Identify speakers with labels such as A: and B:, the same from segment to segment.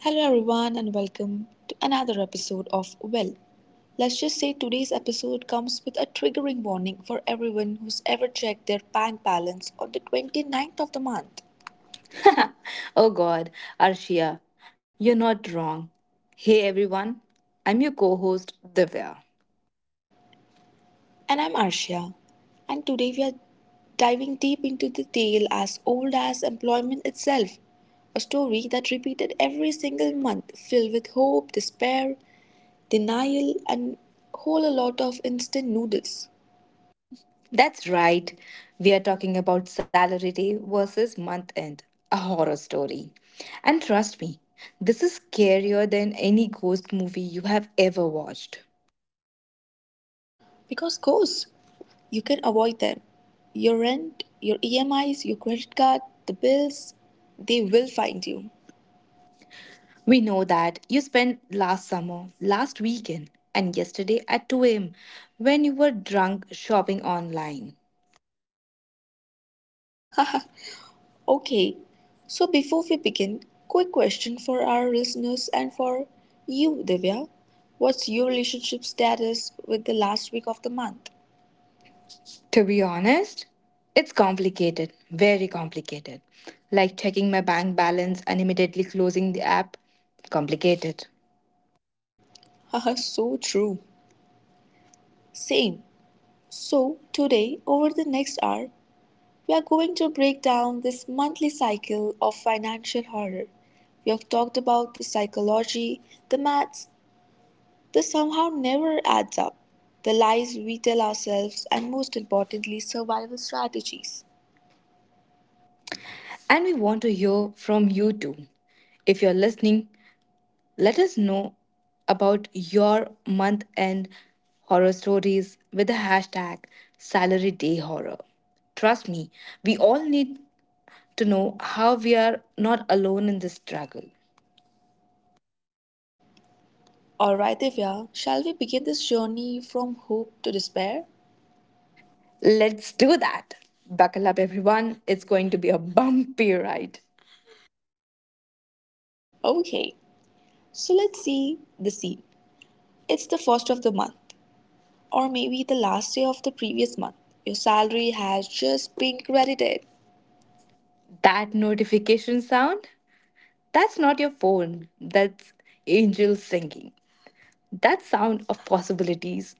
A: Hello, everyone, and welcome to another episode of Well. Let's just say today's episode comes with a triggering warning for everyone who's ever checked their bank balance on the twenty-ninth of the month.
B: Oh God, Arshia, you're not wrong. Hey everyone, I'm your co host, Divya.
A: And I'm Arshia, and today we are diving deep into the tale as old as employment itself, a story that repeated every single month, filled with hope, despair, denial, and whole a lot of instant noodles.
B: That's right, we are talking about salary day versus month end, a horror story. And trust me, this is scarier than any ghost movie you have ever watched.
A: Because course, you can avoid them. Your rent, your EMIs, your credit card, the bills, they will find you.
B: We know that you spent last summer, last weekend, and yesterday at 2 am when you were drunk shopping online.
A: Okay, so before we begin, quick question for our listeners and for you, Divya. What's your relationship status with the last week of the month?
B: To be honest, it's complicated, very complicated. Like checking my bank balance and immediately closing the app, complicated.
A: Haha, so true. Same. So, today, over the next hour, we are going to break down this monthly cycle of financial horror. We have talked about the psychology, the maths, this somehow never adds up. The lies we tell ourselves and most importantly, survival strategies.
B: And we want to hear from you too. If you're listening, let us know about your month end horror stories with the hashtag salary day horror. Trust me, we all need to know how we are not alone in this struggle.
A: Alright, Divya, shall we begin this journey from hope to despair?
B: Let's do that. Buckle up, everyone. It's going to be a bumpy ride.
A: Okay, so let's see the scene. It's the first of the month, or maybe the last day of the previous month. Your salary has just been credited.
B: That notification sound, that's not your phone. That's angels singing. That sound of possibilities,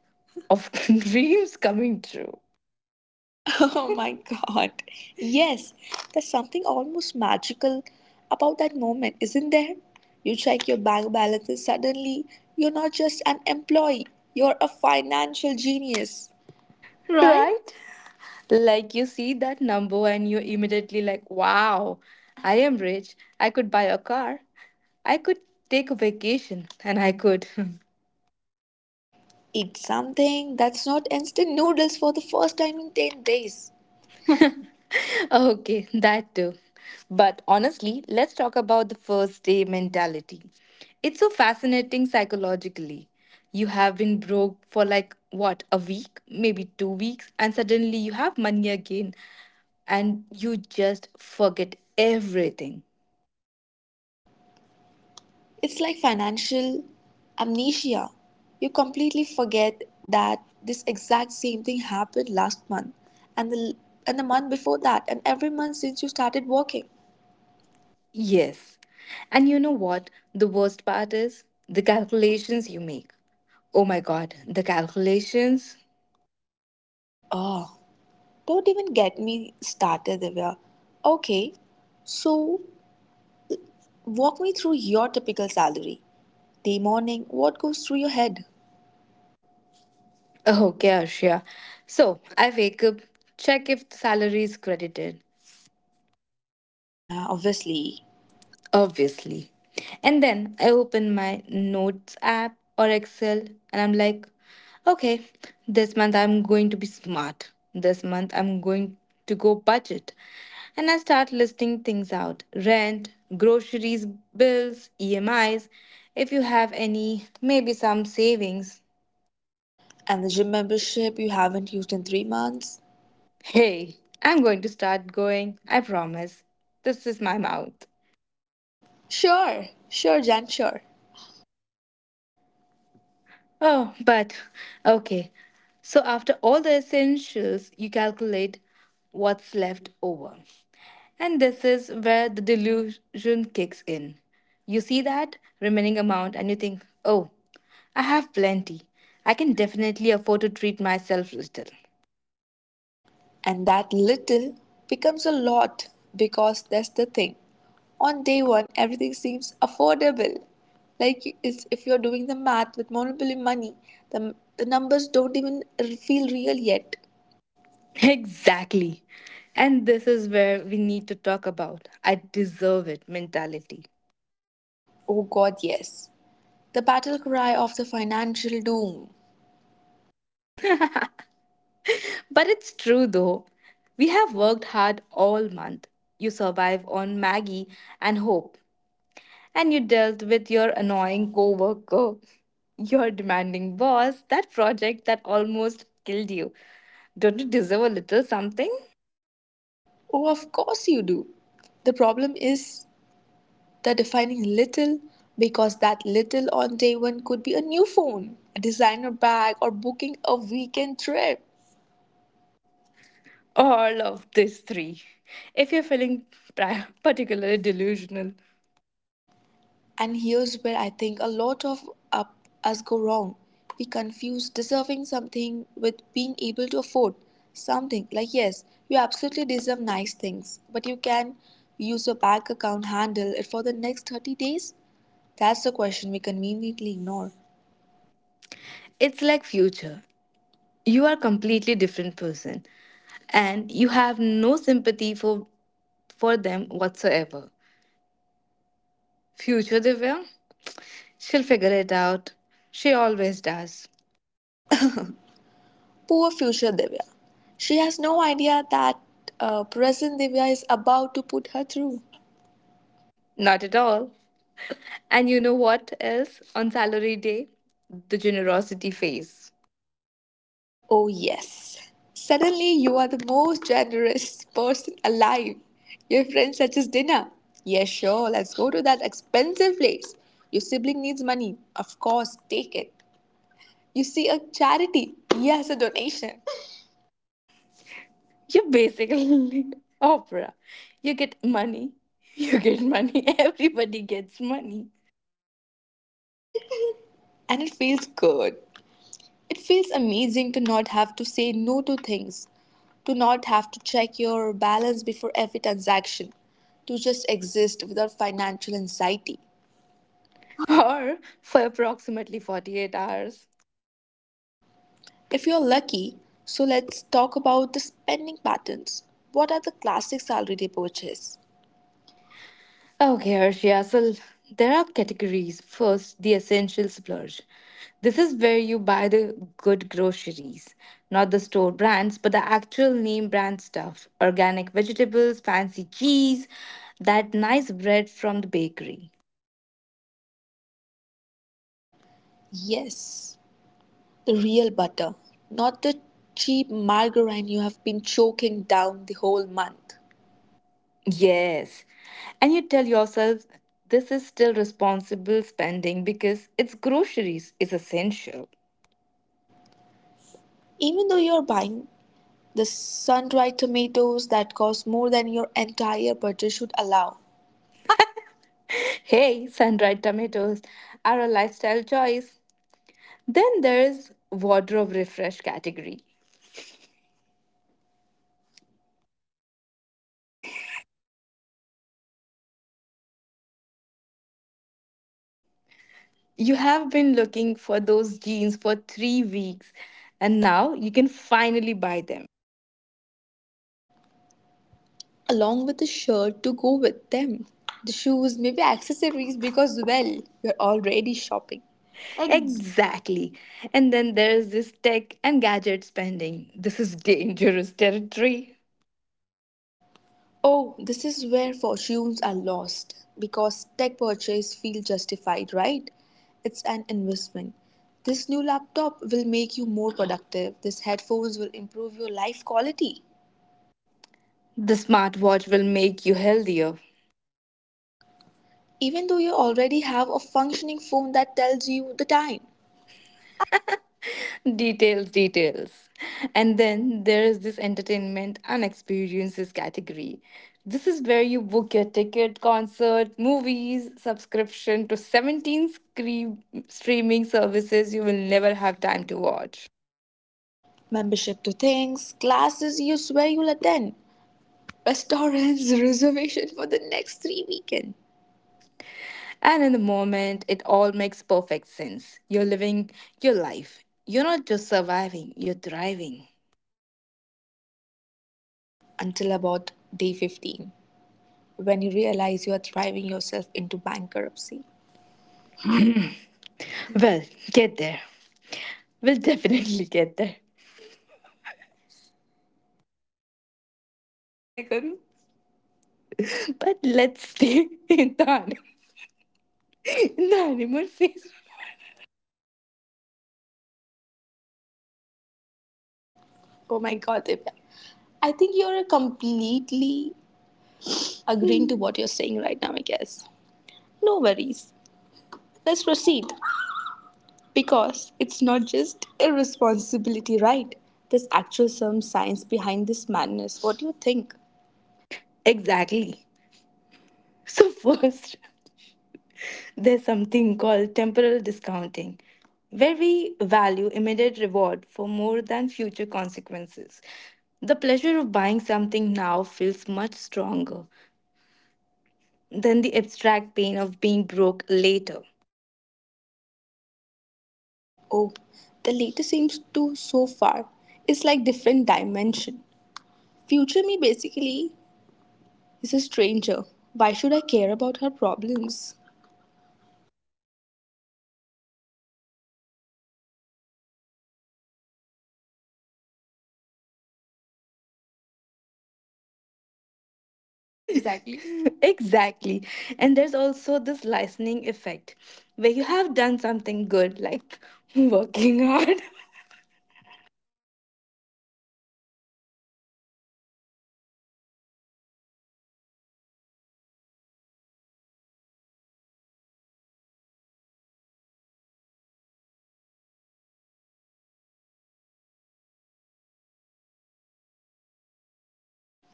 B: of dreams coming true,
A: Oh my god. Yes, there's something almost magical about that moment, isn't there? You check your bank balance and suddenly you're not just an employee, you're a financial genius.
B: right? Like you see that number and you're immediately like, wow, I am rich. I could buy a car. I could take a vacation and I could.
A: Eat something that's not instant noodles for the first time in 10 days.
B: Okay, that too. But honestly, let's talk about the first day mentality. It's so fascinating psychologically. You have been broke for like what, a week, maybe 2 weeks, and suddenly you have money again and you just forget everything.
A: It's like financial amnesia. You completely forget that this exact same thing happened last month and the and the month before that and every month since you started working.
B: Yes. And you know what? The worst part is the calculations you make. Oh my god, the calculations.
A: Oh, don't even get me started, Divya. Okay, so walk me through your typical salary. Day morning, what goes through your head?
B: Okay, Ashia. So I wake up, check if the salary is credited,
A: Yeah, obviously.
B: obviously. And then I open my notes app or Excel and I'm like, okay, this month I'm going to be smart. This month I'm going to go budget. And I start listing things out rent, groceries, bills, EMIs. If you have any, maybe some savings.
A: And the gym membership you haven't used in 3 months?
B: Hey, I'm going to start going, I promise. This is my mouth.
A: Sure, sure, Jan, sure.
B: Oh, but okay. So, after all the essentials, you calculate what's left over. And this is where the delusion kicks in. You see that remaining amount and you think, oh, I have plenty. I can definitely afford to treat myself little.
A: And that little becomes a lot because that's the thing. On day one, everything seems affordable. Like it's, if you're doing the math with Monopoly money, the numbers don't even feel real yet.
B: Exactly. And this is where we need to talk about I deserve it mentality.
A: Oh God, yes. The battle cry of the financial doom.
B: But it's true though. We have worked hard all month. You survive on Maggie and hope. And you dealt with your annoying coworker, your demanding boss, that project that almost killed you. Don't you deserve a little something?
A: Oh, of course you do. The problem is the defining little, because that little on day one could be a new phone, a designer bag, or booking a weekend trip.
B: All of these three. If you're feeling particularly delusional,
A: And here's where I think a lot of up us go wrong. We confuse deserving something with being able to afford something. Like, yes, you absolutely deserve nice things, but you can use your bank account handle it for the next 30 days. That's the question we conveniently ignore.
B: it's like future. You are completely different person and you have no sympathy for them whatsoever. Future Divya? She'll figure it out. She always does.
A: Poor future Divya. She has no idea that present Divya is about to put her through.
B: Not at all. And you know what else? On salary day, the generosity phase.
A: Oh, yes. Suddenly, you are the most generous person alive. Your friend suggests dinner. Yes, sure, let's go to that expensive place. Your sibling needs money. Of course, take it. You see a charity. Yes, a donation.
B: You're basically opera. You get money. You get money. Everybody gets money.
A: And it feels good. It feels amazing to not have to say no to things, to not have to check your balance before every transaction, to just exist without financial anxiety.
B: Or for approximately 48 hours.
A: If you're lucky, so let's talk about the spending patterns. What are the classic salary day purchases?
B: Okay, Harshia. So there are categories. First, the essential splurge. This is where you buy the good groceries, not the store brands, but the actual name brand stuff organic vegetables, fancy cheese, that nice bread from the bakery.
A: Yes, the real butter, not the cheap margarine you have been choking down the whole month.
B: Yes. And you tell yourself this is still responsible spending because it's groceries, it's essential.
A: Even though you're buying the sun-dried tomatoes that cost more than your entire budget should allow,
B: Hey, sun dried tomatoes are a lifestyle choice. Then there's wardrobe refresh category. You have been looking for those jeans for 3 weeks and now you can finally buy them.
A: along with the shirt to go with them. The shoes, maybe accessories, because, well, you're already shopping.
B: Exactly. And then there's this tech and gadget spending. This is dangerous territory.
A: Oh, this is where fortunes are lost because tech purchase feel justified, right? It's an investment. This new laptop will make you more productive. These headphones will improve your life quality.
B: The smartwatch will make you healthier.
A: Even though you already have a functioning phone that tells you the time,
B: Details, details. And then there is this entertainment and experiences category. This is where you book your ticket, concert, movies, subscription to 17 screen streaming services you will never have time to watch.
A: membership to things, classes you swear you'll attend, restaurant's reservation for the next three weekends
B: And in the moment, it all makes perfect sense. You're living your life. You're not just surviving, you're thriving.
A: until about day 15 when you realize you are driving yourself into bankruptcy.
B: Well, get there. We'll definitely get there. Megan. But let's stay in Thane in the animal phase.
A: Oh my god, Divya. I think you're completely agreeing to what you're saying right now, I guess. No worries. Let's proceed because it's not just irresponsibility, right? There's actual some science behind this madness. What do you think?
B: Exactly. So, first, there's something called temporal discounting, where we value immediate reward for more than future consequences. The pleasure of buying something now feels much stronger than the abstract pain of being broke later.
A: Oh, the latest seems to so far is like different dimension. Future me basically is a stranger. Why should I care about her problems?
B: Exactly. exactly. And there's also this licensing effect where you have done something good, like working hard,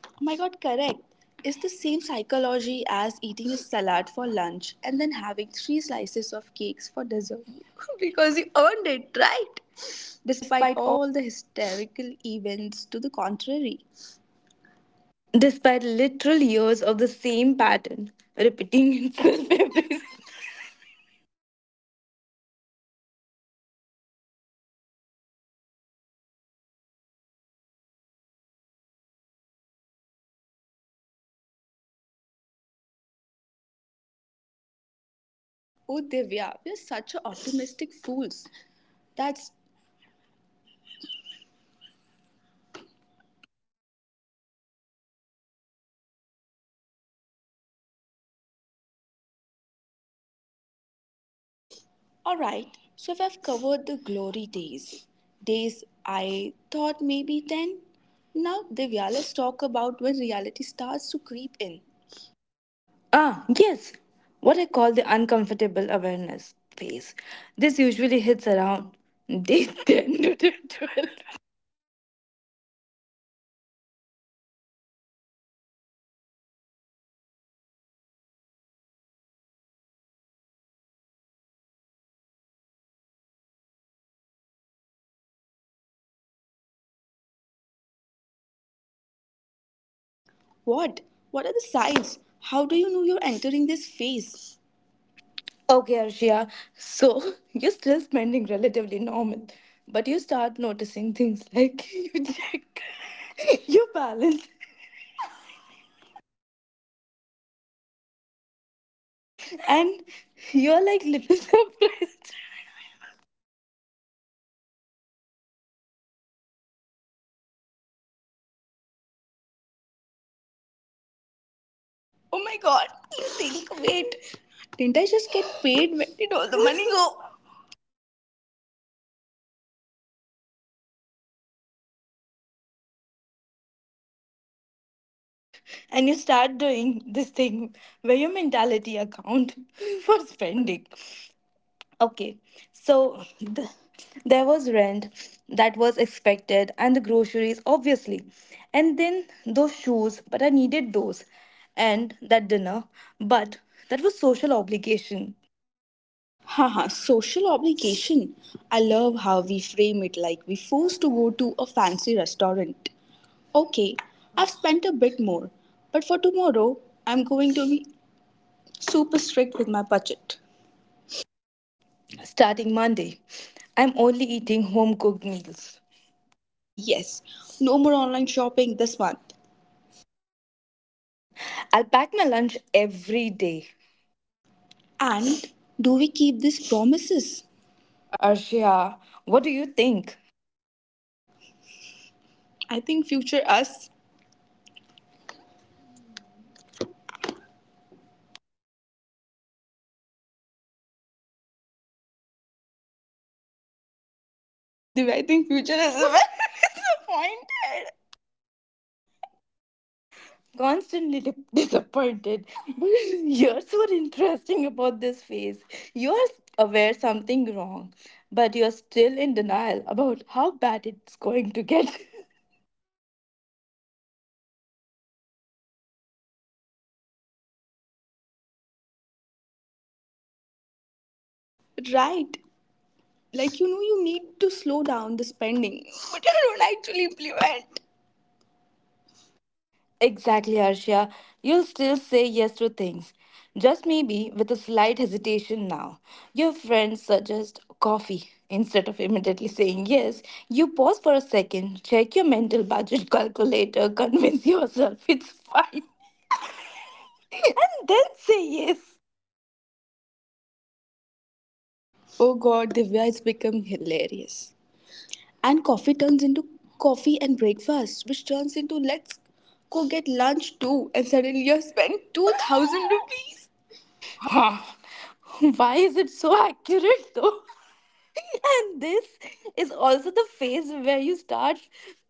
A: Oh my god, correct. It's the same psychology as eating a salad for lunch and then having three slices of cakes for dessert because you earned it, right? Despite
B: despite
A: all the hysterical events to the contrary.
B: literal years of the same pattern repeating itself every
A: Oh, Divya, we're such a optimistic fools. That's alright, so if I've covered the glory days, days I thought maybe then. Now, Divya, let's talk about when reality starts to creep in.
B: Ah, yes. What I call the uncomfortable awareness phase. This usually hits around day 10 to day 12.
A: What? What are the signs? How do you know you're entering this phase?
B: Okay, Arshia. So, you're still spending relatively normal, but you start noticing things like you check your balance and you're like little surprised.
A: Oh my god, you think, wait, didn't I just get paid? Where did all the money go?
B: And you start doing this thing where your mentality account for spending, okay, so there was rent, that was expected, and the groceries obviously, and then those shoes but I needed those, and that dinner, but that was social obligation.
A: Haha, social obligation. I love how we frame it like we forced to go to a fancy restaurant. Okay, I've spent a bit more, but for tomorrow, I'm going to be super strict with my budget.
B: Starting Monday, I'm only eating home cooked meals.
A: Yes, no more online shopping this month.
B: I'll pack my lunch every day.
A: And do we keep these promises?
B: Arshia, what do you think?
A: I think future us, Divya, I think future us is very disappointed.
B: Constantly disappointed. But here's what interesting about this phase. You're aware something wrong, but you're still in denial about how bad it's going to get.
A: Right, like you know, you need to slow down the spending, but you don't actually implement.
B: exactly, Arshia. You'll still say yes to things. Just maybe with a slight hesitation now. Your friends suggest coffee. Instead of immediately saying yes, you pause for a second, check your mental budget calculator, convince yourself it's fine, and then say yes.
A: Oh god, Divya has become hilarious. And coffee turns into coffee and breakfast, which turns into let's go get lunch too. And suddenly you have spent 2000 rupees.
B: Ha! Why is it so accurate though? And this is also the phase where you start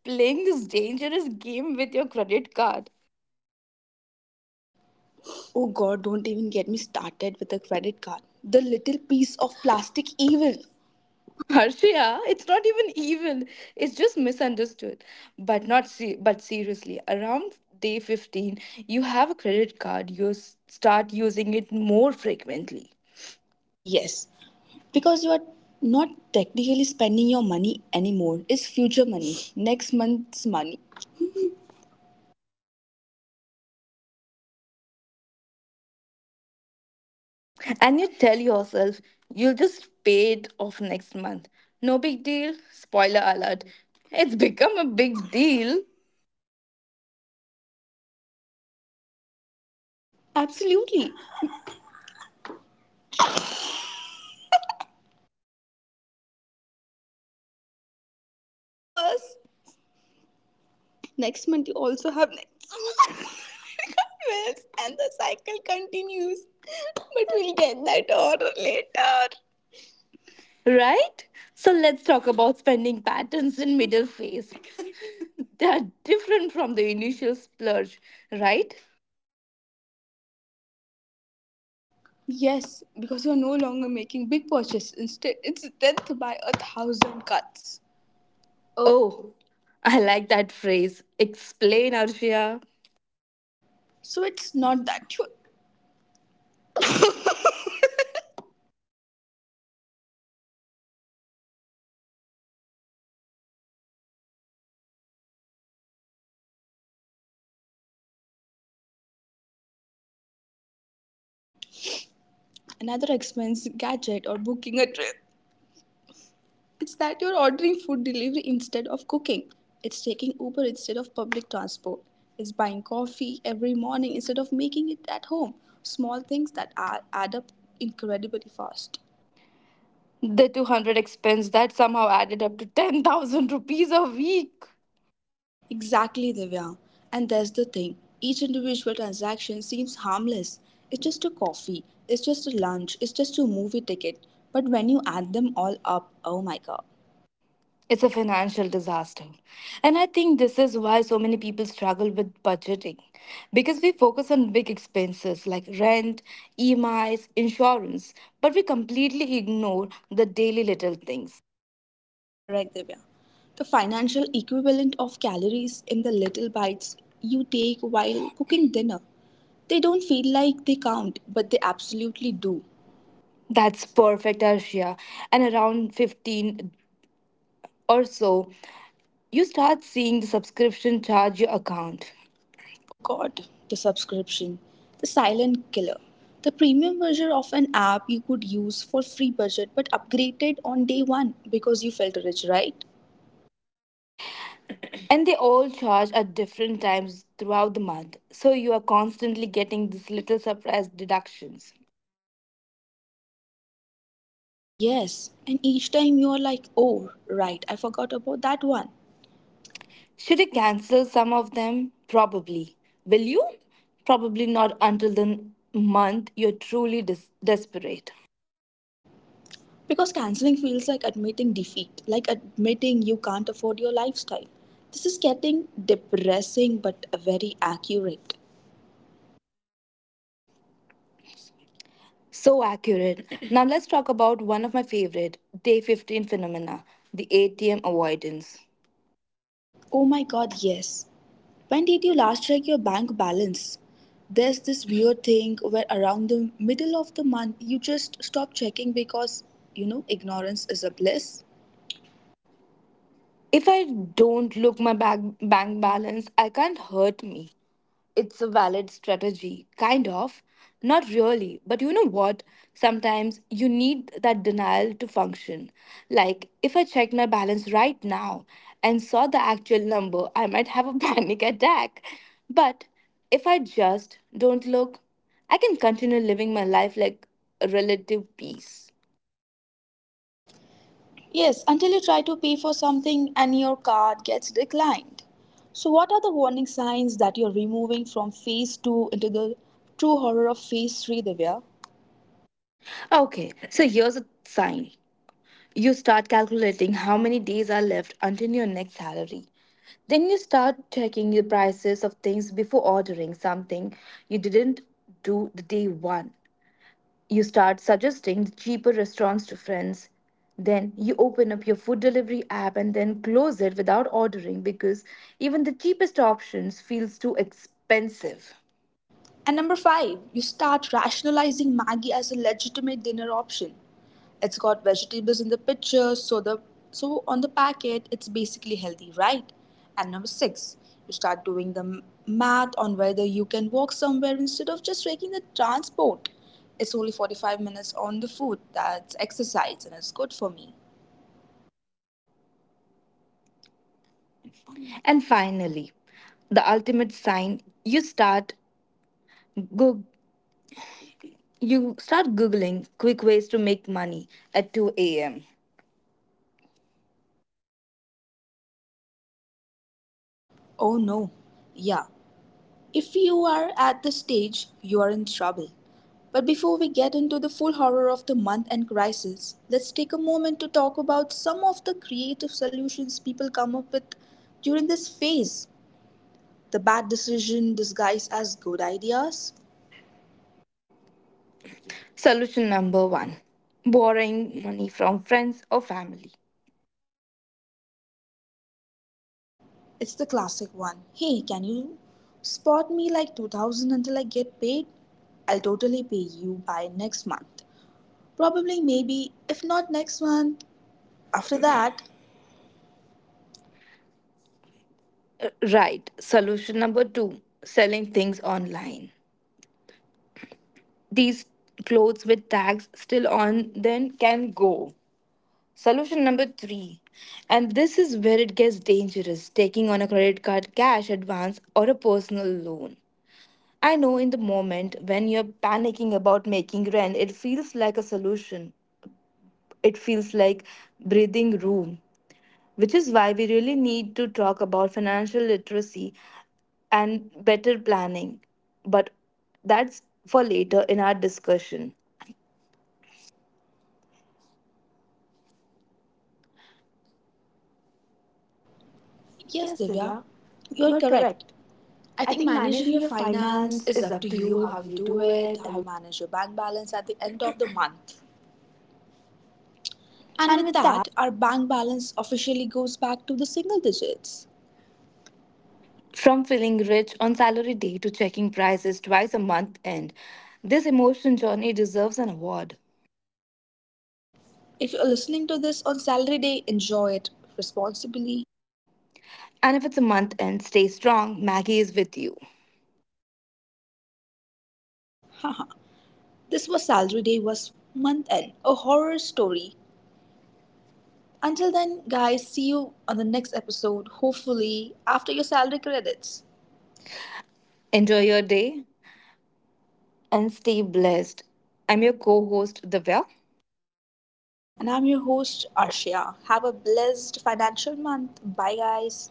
B: playing this dangerous game with your credit card.
A: Oh god, don't even get me started with the credit card. The little piece of plastic evil.
B: Harshia, it's not even evil. It's just misunderstood. But not se- but seriously, around day 15, you have a credit card. You start using it more frequently.
A: Yes, because you are not technically spending your money anymore. It's future money, next month's money.
B: And you tell yourself you'll just pay it off next month. No big deal. Spoiler alert. It's become a big deal,
A: Absolutely. Of course. Next month, you also have next month. And the cycle continues. But we'll get that order later.
B: right? So let's talk about spending patterns in middle phase. They are different from the initial splurge, right?
A: Yes, because you're no longer making big purchases. Instead, it's death by a thousand cuts. Oh,
B: Oh, I like that phrase. Explain, Arshia.
A: so it's not that you another expense, gadget, or booking a trip. It's that you're ordering food delivery instead of cooking. It's taking Uber instead of public transport. It's buying coffee every morning instead of making it at home. Small things that are, add up incredibly fast.
B: The 200 expense that somehow added up to 10,000 rupees a week.
A: Exactly, Divya. And that's the thing. Each individual transaction seems harmless. It's just a coffee, it's just a lunch, it's just a movie ticket. But when you add them all up, oh my god.
B: It's a financial disaster. And I think this is why so many people struggle with budgeting because we focus on big expenses like rent, EMIs, insurance, but we completely ignore the daily little things.
A: Correct, Divya. The financial equivalent of calories in the little bites you take while cooking dinner. They don't feel like they count, but they absolutely do.
B: That's perfect, Arshia. And around 15 or so, you start seeing the subscription charge your account.
A: Oh god, the subscription, the silent killer. The premium version of an app you could use for free budget but upgraded on day one because you felt rich, right?
B: And they all charge at different times throughout the month. So you are constantly getting these little surprise deductions.
A: Yes, and each time you are like, oh, right, I forgot about that one.
B: Should I cancel some of them? Probably. Will you? Probably not until the month you're truly desperate.
A: Because canceling feels like admitting defeat, like admitting you can't afford your lifestyle. This is getting depressing but very accurate.
B: So accurate. Now let's talk about one of my favorite day 15 phenomena, the ATM avoidance.
A: Oh my god, yes. When did you last check your bank balance? There's this weird thing where around the middle of the month you just stop checking because, you know, ignorance is a bliss.
B: If I don't look my bank balance, I can't hurt me. It's a valid strategy, kind of. Not really, but you know what? Sometimes you need that denial to function. Like, if I checked my balance right now and saw the actual number, I might have a panic attack. But if I just don't look, I can continue living my life like a relative peace.
A: Yes, until you try to pay for something and your card gets declined. So, what are the warning signs that you're removing from phase two into the true horror of phase three, Divya?
B: Okay, so here's a sign. You start calculating how many days are left until your next salary. Then you start checking the prices of things before ordering something you didn't do the day one. You start suggesting the cheaper restaurants to friends. Then you open up your food delivery app and then close it without ordering because even the cheapest options feels too expensive.
A: And number five, you start rationalizing Maggie as a legitimate dinner option. It's got vegetables in the picture, so the so on the packet it's basically healthy, right? And number six, you start doing the m- math on whether you can walk somewhere instead of just taking the transport. It's only 45 minutes on the food. That's exercise and it's good for me.
B: And finally, the ultimate sign you start go you start googling quick ways to make money at 2 a.m.
A: Oh no. Yeah, if you are at the stage, you are in trouble. But before we get into the full horror of the month and crisis, let's take a moment to talk about some of the creative solutions people come up with during this phase. The bad decision disguised as good ideas.
B: Solution number one borrowing money from friends or family.
A: It's the classic one. Hey, can you spot me like 2000 until I get paid? I'll totally pay you by next month. Probably, maybe, if not next month, after that.
B: Right. Solution number two selling things online. These clothes with tags still on then can go. Solution number three, and this is where it gets dangerous taking on a credit card cash advance or a personal loan. I know in the moment when you're panicking about making rent, it feels like a solution. It feels like breathing room, which is why we really need to talk about financial literacy and better planning. But that's for later in our discussion.
A: Yes,
B: Yes,
A: Divya,
B: Divya,
A: you're
B: you're
A: correct.
B: correct.
A: I
B: I
A: think
B: think
A: managing
B: managing
A: your
B: your
A: finance
B: finance
A: is
B: is
A: up
B: up
A: to
B: to
A: you
B: you,
A: how
B: how
A: you
B: you
A: do
B: do
A: it,
B: it.
A: how
B: How...
A: you manage your bank balance at the end of the month. And
B: And
A: with
B: with that,
A: that, our bank balance officially goes back to the single digits.
B: from feeling rich on salary day to checking prices twice a month end, this emotion journey deserves an award.
A: If you're listening to this on salary day, enjoy it responsibly.
B: And if it's a month end, stay strong. Maggie is with you.
A: Haha. This was salary day was month end, a horror story. Until then, guys, see you on the next episode, hopefully after your salary credits.
B: Enjoy your day and stay blessed. I'm your co host, Divya,
A: And I'm your host, Arshia. Have a blessed financial month. Bye, guys.